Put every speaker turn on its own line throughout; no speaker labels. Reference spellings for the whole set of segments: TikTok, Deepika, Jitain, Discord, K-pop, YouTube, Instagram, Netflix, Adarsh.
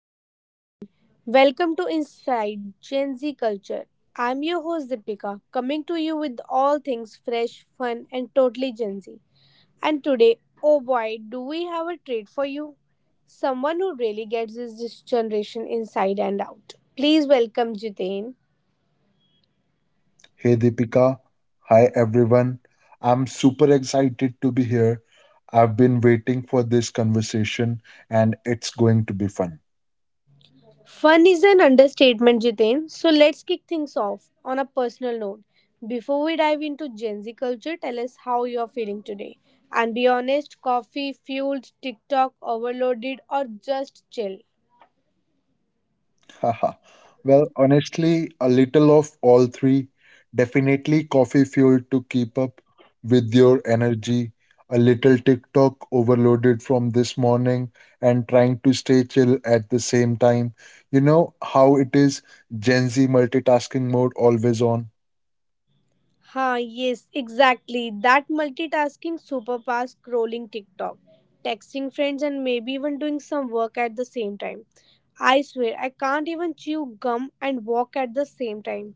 hello, everyone. Welcome to Inside Gen Z Culture. I'm your host Deepika, coming to you with all things fresh, fun, and totally Gen Z. And today, oh boy, do we have a treat for you? Someone who really gets this generation inside and out. Please welcome Jitain.
Hey Deepika, hi everyone. I'm super excited to be here. I've been waiting for this conversation and it's going to be fun.
Fun is an understatement, Jitain. So let's kick things off on a personal note. Before we dive into Gen Z culture, tell us how you're feeling today. And be honest, coffee, fueled, TikTok, overloaded, or just chill.
Haha. Honestly, a little of all three. Definitely coffee fuel to keep up with your energy, a little TikTok overloaded from this morning and trying to stay chill at the same time. You know how it is, Gen Z multitasking mode always on.
Ha, yes, exactly. That multitasking superpower scrolling TikTok, texting friends, and maybe even doing some work at the same time. I swear, I can't even chew gum and walk at the same time.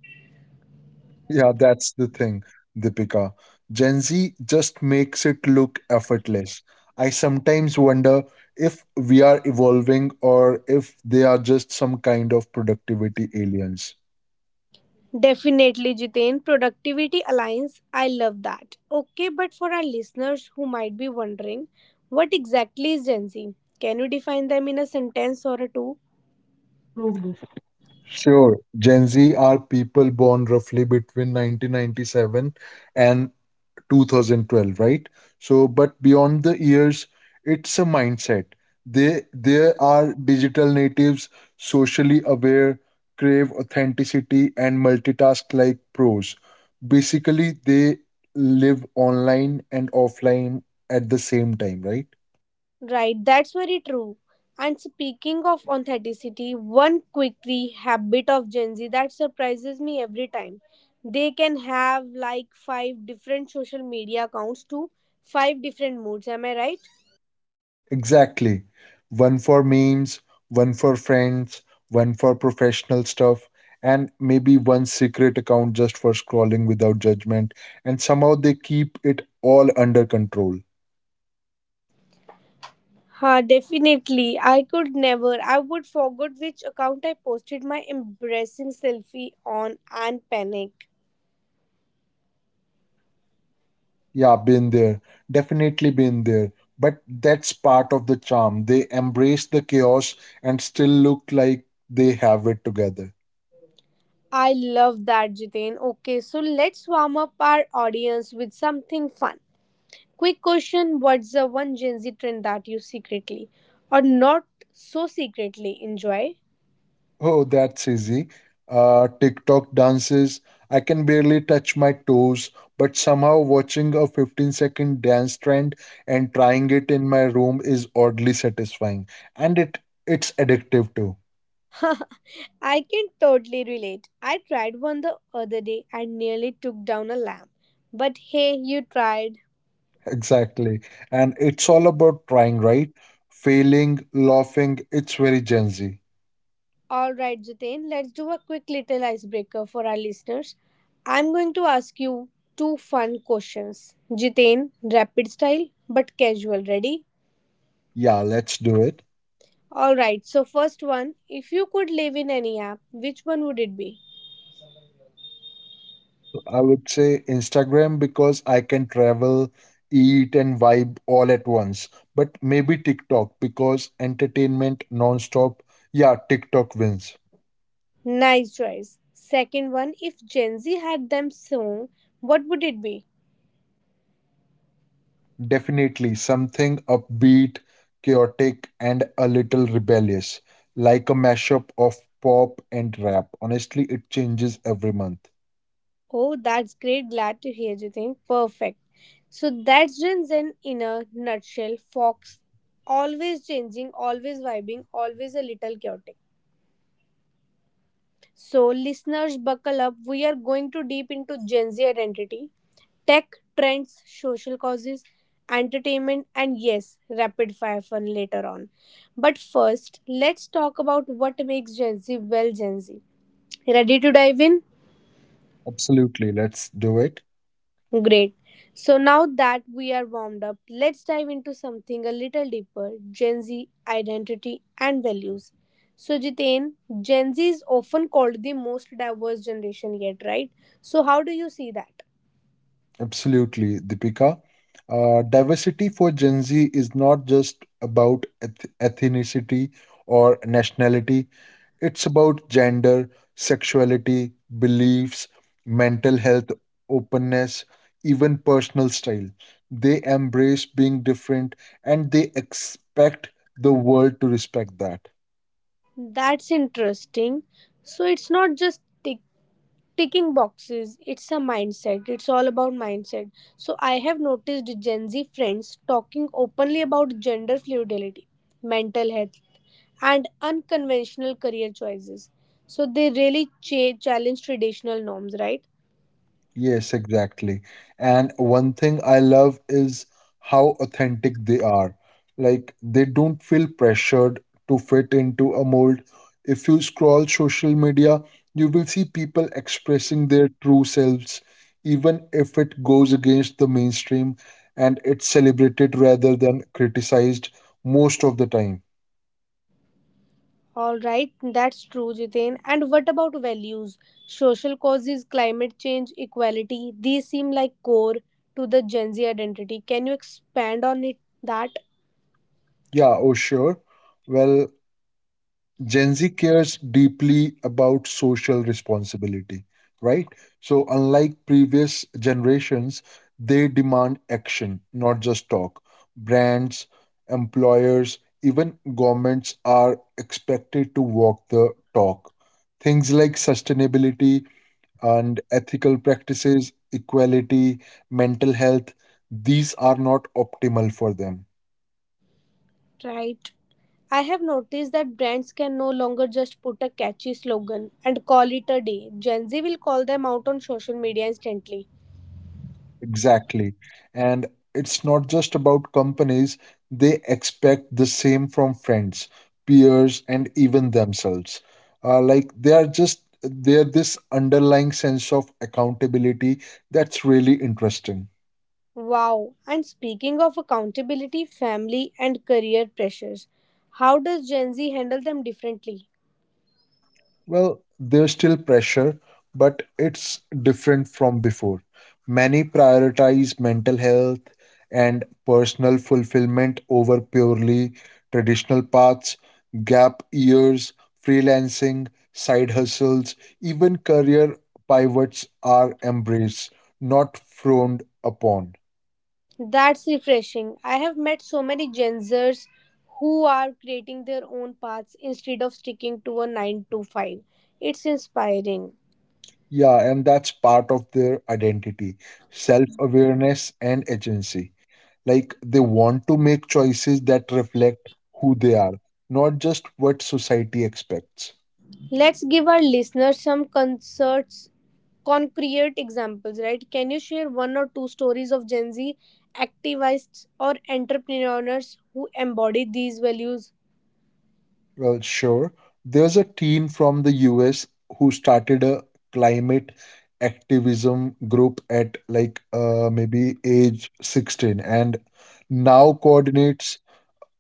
Yeah, that's the thing, Deepika. Gen Z just makes it look effortless. I sometimes wonder if we are evolving or if they are just some kind of productivity aliens.
Definitely, Jitain. Productivity Alliance. I love that. Okay, but for our listeners who might be wondering, what exactly is Gen Z? Can you define them in a sentence or a two?
Sure, Gen Z are people born roughly between 1997 and 2012, right? So but beyond the years, it's a mindset. They There are digital natives, socially aware, crave authenticity, and multitask like pros. Basically, they live online and offline at the same time, right?
Right, that's very true. And speaking of authenticity, one quick habit of Gen Z that surprises me every time. They can have like five different social media accounts to five different moods. Am I right?
Exactly. One for memes, one for friends, one for professional stuff, and maybe one secret account just for scrolling without judgment. And somehow they keep it all under control.
Ha, definitely. I could never. I would forget which account I posted my embarrassing selfie on and panic.
Yeah, been there. Definitely been there. But that's part of the charm. They embrace the chaos and still look like they have it together.
I love that, Jitain. Okay, so let's warm up our audience with something fun. Quick question, what's the one Gen Z trend that you secretly or not so secretly enjoy?
Oh, that's easy. TikTok dances. I can barely touch my toes, but somehow watching a 15-second dance trend and trying it in my room is oddly satisfying. And it's addictive too.
I can totally relate. I tried one the other day and nearly took down a lamp. But hey, you tried.
Exactly. And it's all about trying, right? Failing, laughing. It's very Gen Z.
All right, Jitain, let's do a quick little icebreaker for our listeners. I'm going to ask you two fun questions. Jitain, rapid style but casual. Ready?
Yeah, let's do it.
All right, so first one, if you could live in any app, which one would it be?
I would say Instagram because I can travel, eat, and vibe all at once. But maybe TikTok because entertainment nonstop. Yeah, TikTok wins.
Nice choice. Second one, if Gen Z had them song, what would it be?
Definitely something upbeat, chaotic, and a little rebellious, like a mashup of pop and rap. Honestly, it changes every month.
Oh, that's great. Glad to hear, Jitin. Perfect. So that's Rinzen in a nutshell. Fox always changing, always vibing, always a little chaotic. So listeners, buckle up. We are going to deep into Gen Z identity, tech trends, social causes, entertainment, and yes, rapid fire fun later on. But first, let's talk about what makes Gen Z well Gen Z. Ready to dive in?
Absolutely, let's do it.
Great. So now that we are warmed up, let's dive into something a little deeper Gen Z identity and values. So, Jitain, Gen Z is often called the most diverse generation yet, right? So, how do you see that?
Absolutely, Deepika. Diversity for Gen Z is not just about ethnicity or nationality, it's about gender, sexuality, beliefs, mental health, openness, even personal style. They embrace being different and they expect the world to respect that.
That's interesting. So, it's not just ticking boxes, it's a mindset, it's all about mindset. So I have noticed Gen Z friends talking openly about gender fluidity, mental health, and unconventional career choices. So they really challenge traditional norms, right?
Yes, exactly. And one thing I love is how authentic they are. Like, they don't feel pressured to fit into a mold. If you scroll social media, you will see people expressing their true selves, even if it goes against the mainstream, and it's celebrated rather than criticized most of the time.
All right, that's true, Jitain. And what about values, social causes, climate change, equality? These seem like core to the Gen Z identity. Can you expand on it that?
Yeah, oh, sure. Well, Gen Z cares deeply about social responsibility, right? So, unlike previous generations, they demand action, not just talk. Brands, employers, even governments are expected to walk the talk. Things like sustainability and ethical practices, equality, mental health, these are not optimal for them.
Right, I have noticed that brands can no longer just put a catchy slogan and call it a day. Gen Z will call them out on social media instantly.
Exactly. And it's not just about companies, they expect the same from friends, peers, and even themselves. Like they are just, they're this underlying sense of accountability. That's really interesting.
Wow. And speaking of accountability, family, and career pressures, how does Gen Z handle them differently?
Well, there's still pressure, but it's different from before. Many prioritize mental health and personal fulfillment over purely traditional paths. Gap years, freelancing, side hustles, even career pivots are embraced, not frowned upon.
That's refreshing. I have met so many Gen Zers who are creating their own paths instead of sticking to a 9 to 5. It's inspiring.
Yeah, and that's part of their identity, self awareness, and agency. Like they want to make choices that reflect who they are, not just what society expects.
Let's give our listeners some concerts concrete examples, right? Can you share one or two stories of Gen Z activists or entrepreneurs who embody these values?
Well, sure, there's a teen from the US who started a climate activism group at like maybe age 16 and now coordinates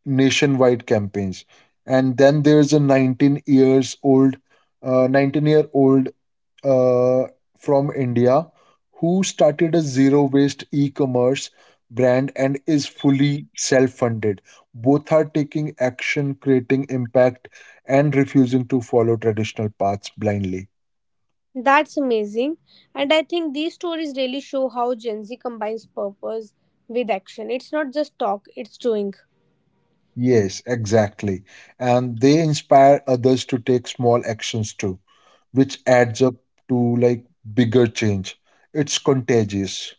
nationwide campaigns. And then there's a 19 years old, 19-year-old uh, from India who started a zero waste e commerce brand and is fully self funded. Both are taking action, creating impact, and refusing to follow traditional paths blindly.
That's amazing. And I think these stories really show how Gen Z combines purpose with action. It's not just talk, it's doing.
Yes, exactly. And they inspire others to take small actions too, which adds up to like bigger change. It's contagious.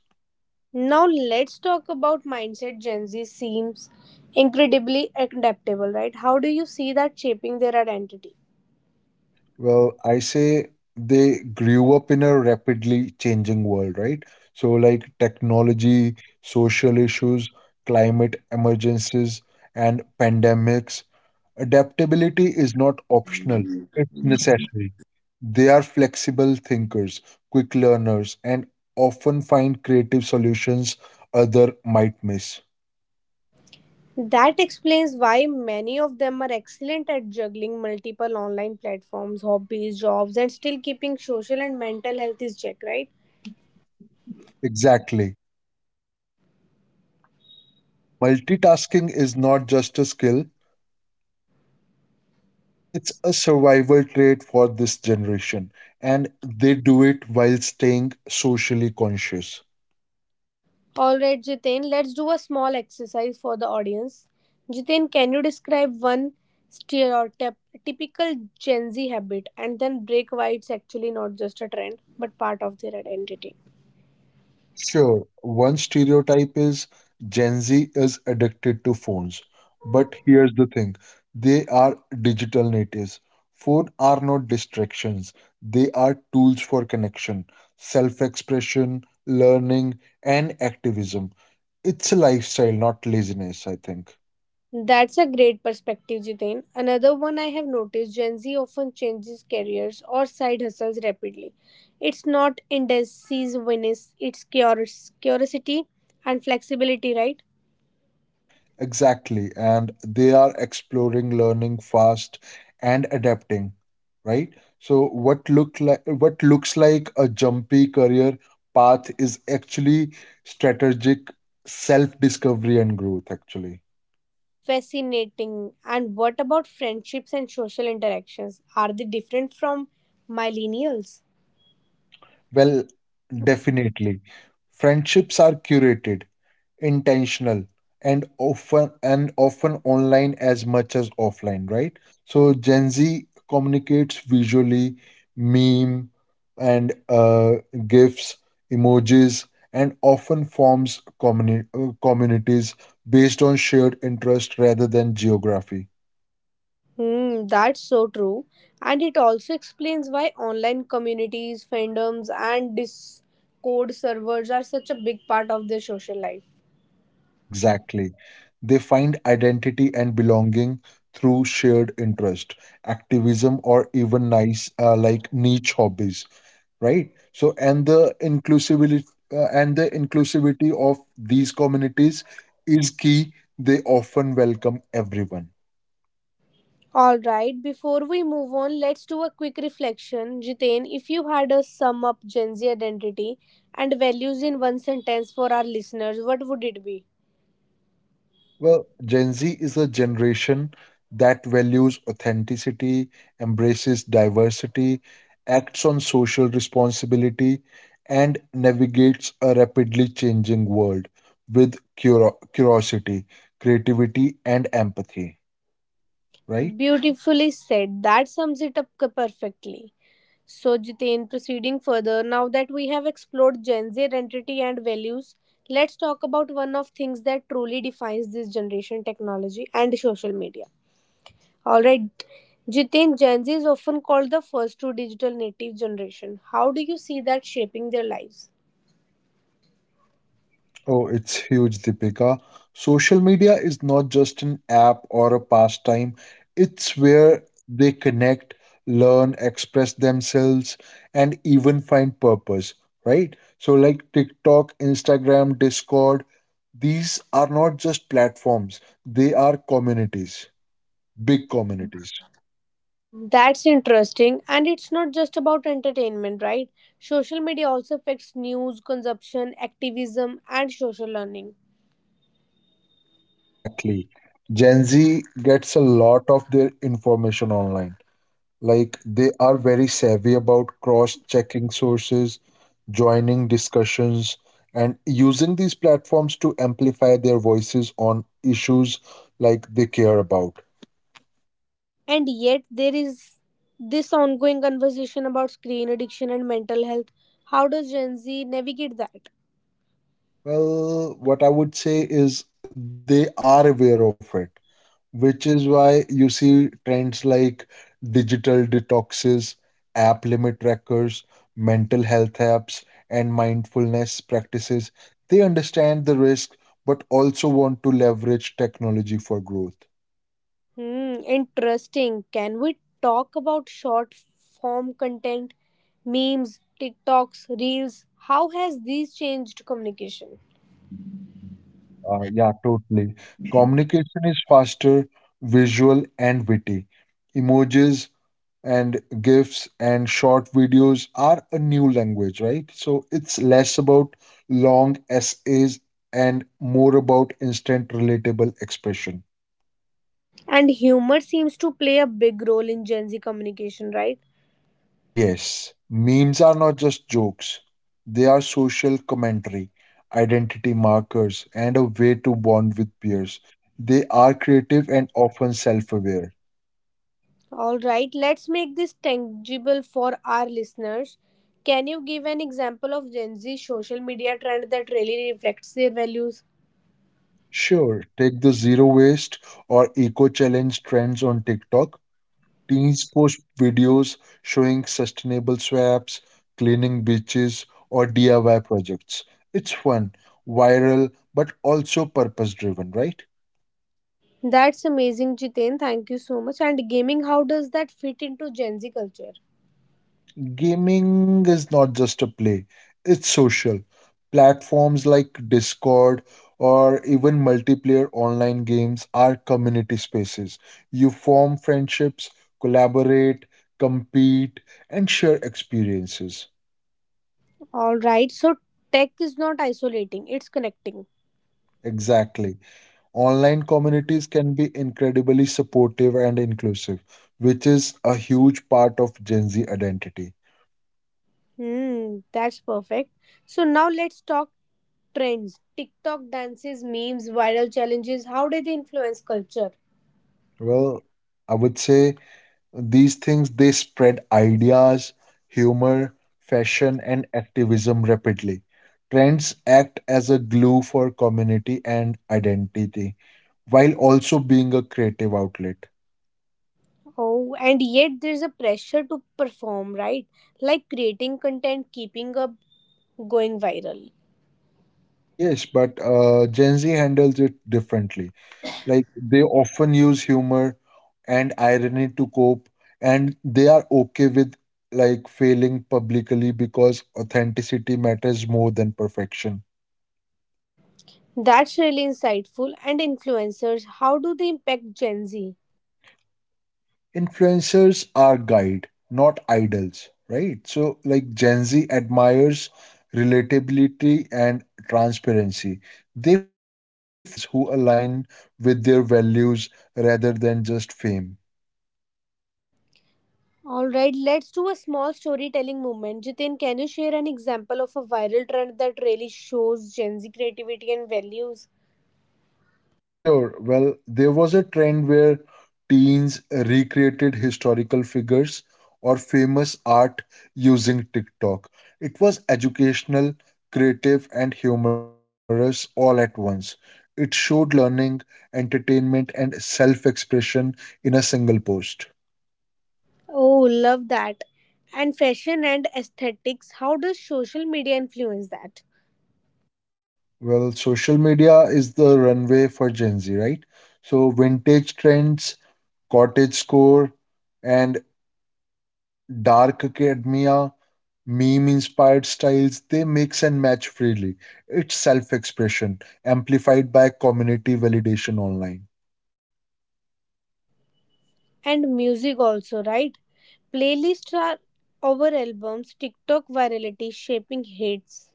Now, let's talk about mindset. Gen Z seems incredibly adaptable, right? How do you see that shaping their identity?
Well, I say they grew up in a rapidly changing world, right? So, like technology, social issues, climate emergencies, and pandemics, adaptability is not optional, it's necessary. They are flexible thinkers, quick learners, and often find creative solutions other might miss.
That explains why many of them are excellent at juggling multiple online platforms, hobbies, jobs, and still keeping social and mental health is check, right?
Exactly. Multitasking is not just a skill, and it's a survival trait for this generation, and they do it while staying socially conscious.
All right, Jitain, let's do a small exercise for the audience. Jitain, can you describe one stereotype, typical Gen Z habit, and then break why it's actually not just a trend but part of their identity?
Sure, one stereotype is Gen Z is addicted to phones, but here's the thing, they are digital natives. Phone are not distractions, they are tools for connection, self expression, learning, and activism. It's a lifestyle, not laziness, I think.
That's a great perspective, Jiten. Another one I have noticed Gen Z often changes careers or side hustles rapidly. It's not indecisiveness, it's curiosity and flexibility, right?
Exactly. And they are exploring, learning fast, and adapting, right? So what looks like a jumpy career path is actually strategic self-discovery and growth, actually.
Fascinating. And what about friendships and social interactions? Are they different from millennials?
Well, definitely. Friendships are curated, intentional, and often online as much as offline, right? So Gen Z communicates visually, meme and gifs emojis, and often forms communities based on shared interest rather than geography.
Hmm, that's so true. And it also explains why online communities, fandoms, and Discord servers are such a big part of their social life.
Exactly, they find identity and belonging through shared interest, activism, or even nice like niche hobbies, right? So and the inclusivity of these communities is key. They often welcome everyone.
Alright, before we move on, let's do a quick reflection. Jitain, if you had a sum up Gen Z identity and values in one sentence for our listeners, what would it be?
Well, Gen Z is a generation that values authenticity, embraces diversity, acts on social responsibility, and navigates a rapidly changing world with curiosity, creativity, and empathy, right?
Beautifully said. That sums it up perfectly. So, Jitain, proceeding further, now that we have explored Gen Z identity and values, let's talk about one of things that truly defines this generation technology and social media. All right. Jitin, Gen Z is often called the first true digital native generation. How do you see that shaping their lives?
Oh, it's huge, Deepika. Social media is not just an app or a pastime, it's where they connect, learn, express themselves, and even find purpose, right? So, like TikTok, Instagram, Discord, these are not just platforms, they are communities, big communities.
That's interesting. And it's not just about entertainment, right? Social media also affects news, consumption, activism, and social learning.
Exactly. Gen Z gets a lot of their information online. Like they are very savvy about cross checking sources, joining discussions, and using these platforms to amplify their voices on issues like they care about.
And yet, there is this ongoing conversation about screen addiction and mental health. How does Gen Z navigate that?
Well, what I would say is they are aware of it, which is why you see trends like digital detoxes, app limit trackers, mental health apps, and mindfulness practices. They understand the risk but also want to leverage technology for growth.
Hmm, interesting. Can we talk about short form content? Memes, TikToks, Reels, how has these changed communication?
Yeah, totally. Communication is faster, visual, and witty. Emojis and GIFs and short videos are a new language, right? So it's less about long essays and more about instant relatable expression.
And humor seems to play a big role in Gen Z communication, right?
Yes, memes are not just jokes, they are social commentary, identity markers, and a way to bond with peers. They are creative and often self aware.
All right, let's make this tangible for our listeners. Can you give an example of Gen Z social media trend that really reflects their values?
Sure, take the zero waste or eco challenge trends on TikTok. Teens post videos showing sustainable swaps, cleaning beaches, or DIY projects. It's fun, viral, but also purpose driven, right?
That's amazing, Jiten. Thank you so much. And gaming, how does that fit into Gen Z culture?
Gaming is not just a play, it's social. Platforms like Discord or even multiplayer online games are community spaces. You form friendships, collaborate, compete, and share experiences.
All right, so tech is not isolating, it's connecting.
Exactly. Online communities can be incredibly supportive and inclusive, which is a huge part of Gen Z identity.
Hmm, that's perfect. So now let's talk trends. TikTok dances, memes, viral challenges, how do they influence culture?
Well, I would say these things, they spread ideas, humor, fashion, and activism rapidly. Trends act as a glue for community and identity while also being a creative outlet.
Oh, and yet there's a pressure to perform, right? Like creating content, keeping up, going viral.
Yes, but Gen Z handles it differently. Like they often use humor and irony to cope, and they are okay with like failing publicly because authenticity matters more than perfection.
That's really insightful. And influencers, how do they impact Gen Z?
Influencers are guide, not idols, right? So like Gen Z admires relatability and transparency. They follow creators who align with their values rather than just fame.
Alright, let's do a small storytelling moment. Jitin, can you share an example of a viral trend that really shows Gen Z creativity and values?
Sure. Well, there was a trend where teens recreated historical figures or famous art using TikTok. It was educational, creative, and humorous all at once. It showed learning, entertainment, and self expression in a single post.
Oh, love that. And fashion and aesthetics, how does social media influence that?
Well, social media is the runway for Gen Z, right? So, vintage trends, cottage core, and Dark academia, meme inspired styles, they mix and match freely. It's self expression, amplified by community validation online.
And music also, right? Playlists are our albums, TikTok virality shaping hits.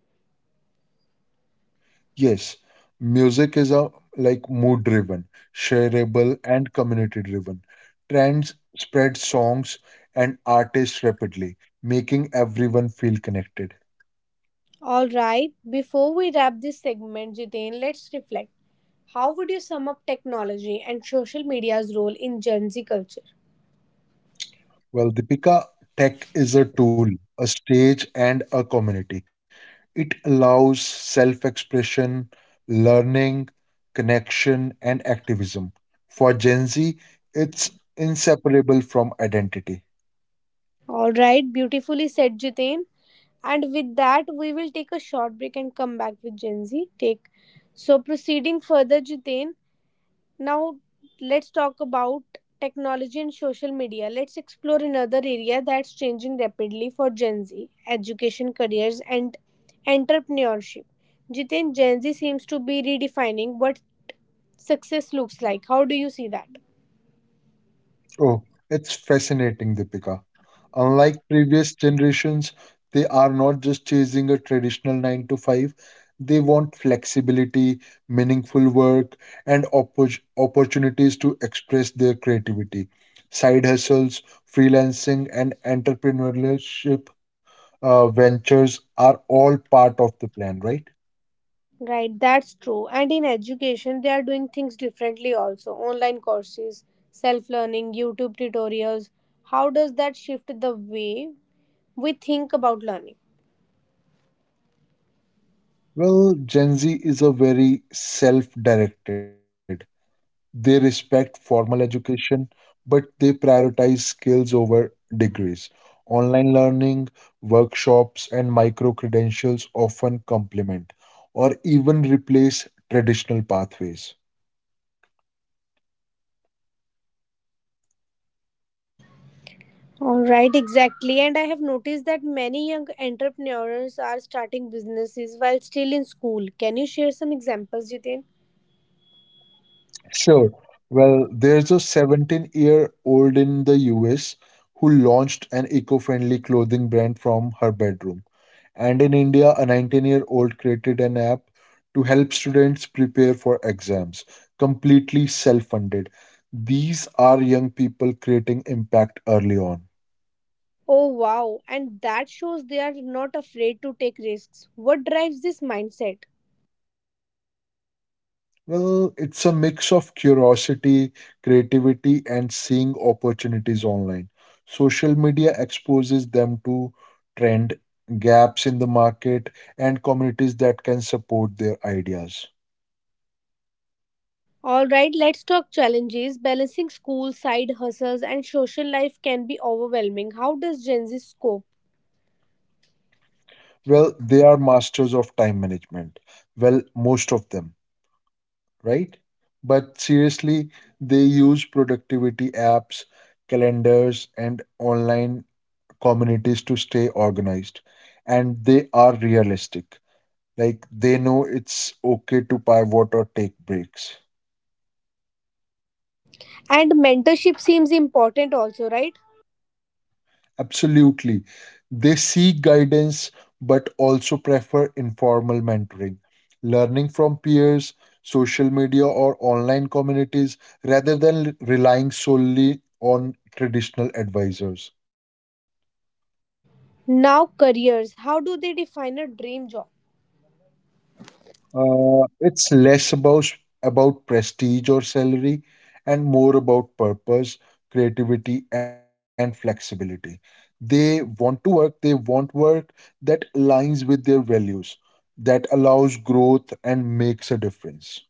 Yes, music is a like mood driven, shareable, and community driven. Trends spread songs and artists rapidly, making everyone feel connected.
All right, before we wrap this segment, Jitain, let's reflect. How would you sum up technology and social media's role in Gen Z culture?
Well, Deepika, tech is a tool, a stage, and a community. It allows self expression, learning, connection, and activism. For Gen Z, it's inseparable from identity.
All right, beautifully said, Jitain. And with that, we will take a short break and come back with Gen Z. Take so proceeding further, Jitain. Now, let's talk about technology and social media. Let's explore another area that's changing rapidly for Gen Z education, careers, and entrepreneurship. Jitin, Gen Z seems to be redefining what success looks like. How do you see that?
Oh, it's fascinating, Deepika. Unlike previous generations, they are not just chasing a traditional 9 to 5. They want flexibility, meaningful work, and opportunities to express their creativity. Side hustles, freelancing, and entrepreneurship ventures are all part of the plan, right?
Right, that's true. And in education, they are doing things differently also. Online courses, self learning, YouTube tutorials. How does that shift the way we think about learning?
Well, Gen Z is a very self directed. They respect formal education, but they prioritize skills over degrees. Online learning, workshops, and micro credentials often complement or even replace traditional pathways.
All right, exactly. And I have noticed that many young entrepreneurs are starting businesses while still in school. Can you share some examples, Jitin?
Sure. Well, there's a 17-year-old in the US who launched an eco friendly clothing brand from her bedroom. And in India, a 19-year-old created an app to help students prepare for exams, completely self funded. These are young people creating impact early on.
Oh, wow. And that shows they are not afraid to take risks. What drives this mindset?
Well, it's a mix of curiosity, creativity, and seeing opportunities online. Social media exposes them to trend gaps in the market and communities that can support their ideas.
All right, let's talk challenges. Balancing school, side hustles, and social life can be overwhelming. How does Gen Z cope?
Well, they are masters of time management. Well, most of them, right? But seriously, they use productivity apps, calendars, and online communities to stay organized. And they are realistic. Like they know it's okay to pivot or take breaks.
And mentorship seems important also, right?
Absolutely. They seek guidance but also prefer informal mentoring, learning from peers, social media, or online communities rather than relying solely on traditional advisors.
Now, careers. How do they define a dream job?
It's less about prestige or salary and more about purpose, creativity, and flexibility. They want work that aligns with their values, that allows growth and makes a difference.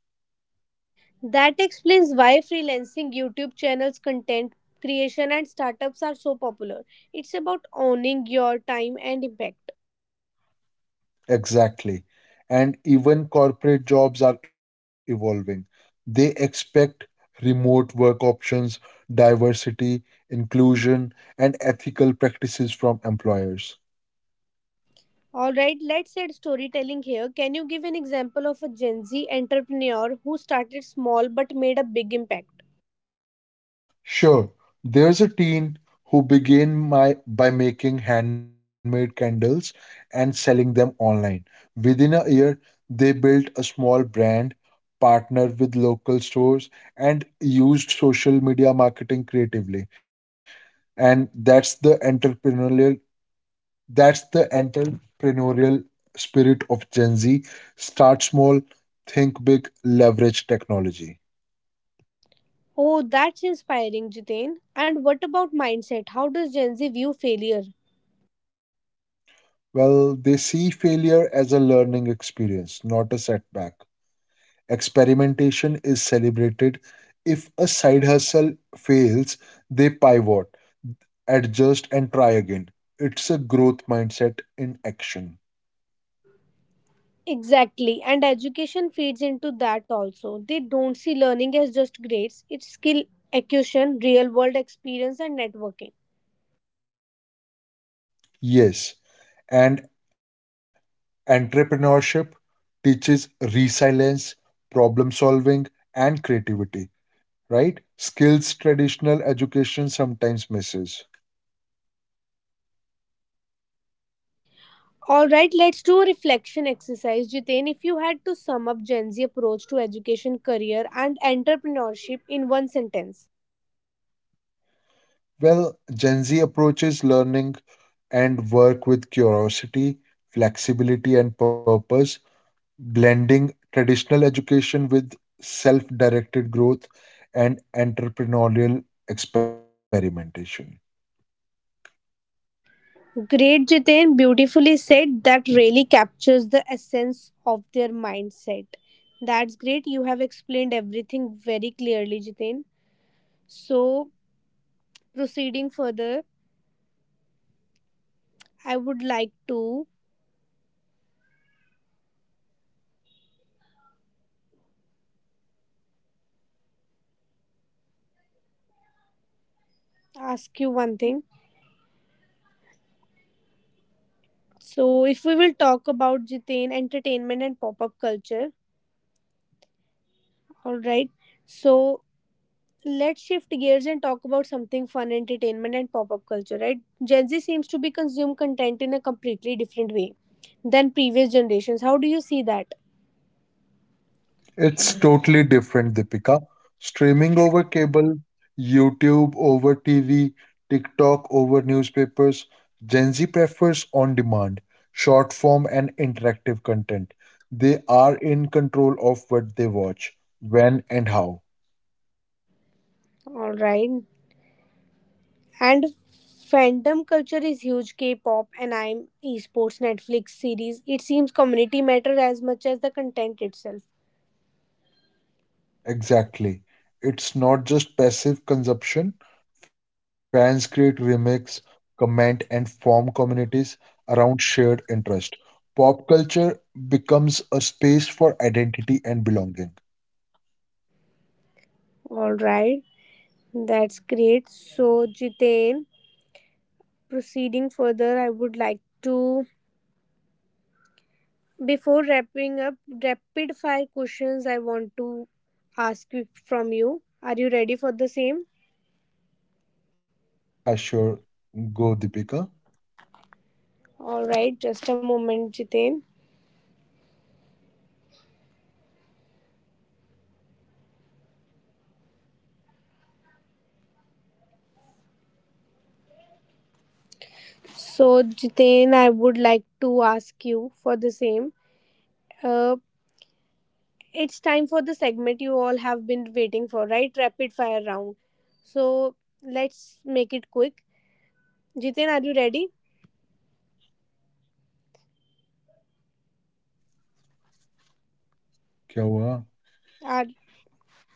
That explains why freelancing, YouTube channels, content creation, and startups are so popular. It's about owning your time and impact.
Exactly. And even corporate jobs are evolving. They expect remote work options, diversity, inclusion, and ethical practices from employers.
Alright, let's add storytelling here. Can you give an example of a Gen Z entrepreneur who started small but made a big impact?
Sure. There's a teen who began by making handmade candles and selling them online. Within a year, they built a small brand, partnered with local stores, and used social media marketing creatively. And that's the entrepreneurial spirit of Gen Z. Start small, think big, leverage technology.
Oh, that's inspiring, Jitain. And what about mindset? How does Gen Z view failure?
Well, they see failure as a learning experience, not a setback. Experimentation is celebrated. If a side hustle fails, they pivot, adjust, and try again. It's a growth mindset in action.
Exactly, and education feeds into that also. They don't see learning as just grades, it's skill acquisition, real world experience, and networking.
Yes, and entrepreneurship teaches resilience, problem solving, and creativity, right? Skills traditional education sometimes misses.
All right, let's do a reflection exercise. Jitain, if you had to sum up Gen Z approach to education, career, and entrepreneurship in one sentence.
Well, Gen Z approaches learning and work with curiosity, flexibility, and purpose, blending traditional education with self directed growth and entrepreneurial experimentation.
Great, Jitain, beautifully said. That really captures the essence of their mindset. That's great. You have explained everything very clearly, Jitain. So, proceeding further, I would like to ask you one thing. So, if we will talk about Jitain entertainment and pop up culture, all right. So, let's shift gears and talk about something fun entertainment and pop up culture, right? Gen Z seems to be consume content in a completely different way than previous generations. How do you see that?
It's totally different, Deepika. Streaming over cable, YouTube over TV, TikTok over newspapers, Gen Z prefers on demand, short form, and interactive content. They are in control of what they watch, when, and how.
All right. And fandom culture is huge K-pop, anime, esports, Netflix series. It seems community matter as much as the content itself.
Exactly. It's not just passive consumption. Fans create remix, comment, and form communities around shared interest. Pop culture becomes a space for identity and belonging.
All right. That's great. So, Jiten, proceeding further, I would like to, before wrapping up, rapid fire questions I want to ask from you. Are you ready for the same?
Yeah, sure. Go, Deepika.
All right, just a moment, Jiten. So, Jiten, I would like to ask you for the same. Uh, it's time for the segment you all have been waiting for, right? Rapid fire round. So, let's make it quick. Jiten, are you ready?
क्या हुआ?
Are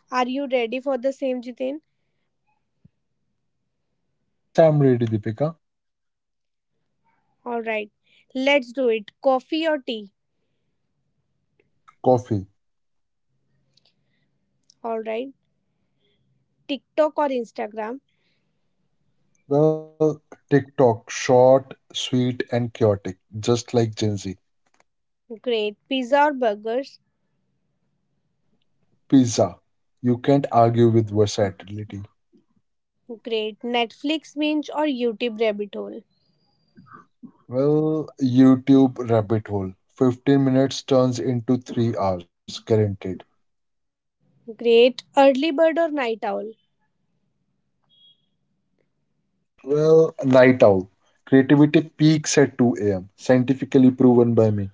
Are you ready for the same, Jiten?
Yes, I'm ready, Deepika.
All right. Let's do it. Coffee or tea?
Coffee.
All right. TikTok or Instagram?
Well, TikTok, short, sweet, and chaotic, just like Gen Z.
Great. Pizza or burgers?
Pizza. You can't argue with versatility.
Great. Netflix binge or YouTube rabbit hole?
Well, YouTube rabbit hole. 15 minutes turns into 3 hours, guaranteed.
Great. Early bird or night owl?
Well, night owl. Creativity peaks at 2 a.m., scientifically proven by me.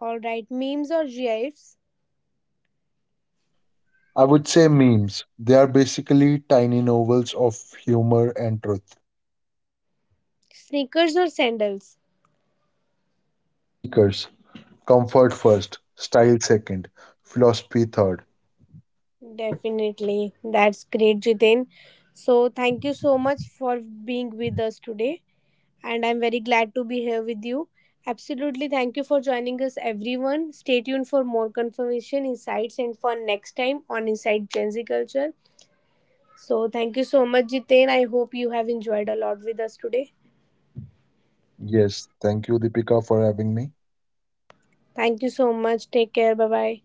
All right. Memes or GIFs?
I would say memes. They are basically tiny novels of humor and truth.
Sneakers or sandals?
Sneakers. Comfort first, style second, philosophy third.
Definitely. That's great, Jiten. So, thank you so much for being with us today. And I'm very glad to be here with you. Absolutely, thank you for joining us, everyone. Stay tuned for more confirmation, insights, and fun next time on Inside Gen Z Culture. So, thank you so much, Jiten. I hope you have enjoyed a lot with us today.
Yes, thank you, Deepika, for having me.
Thank you so much. Take care. Bye bye.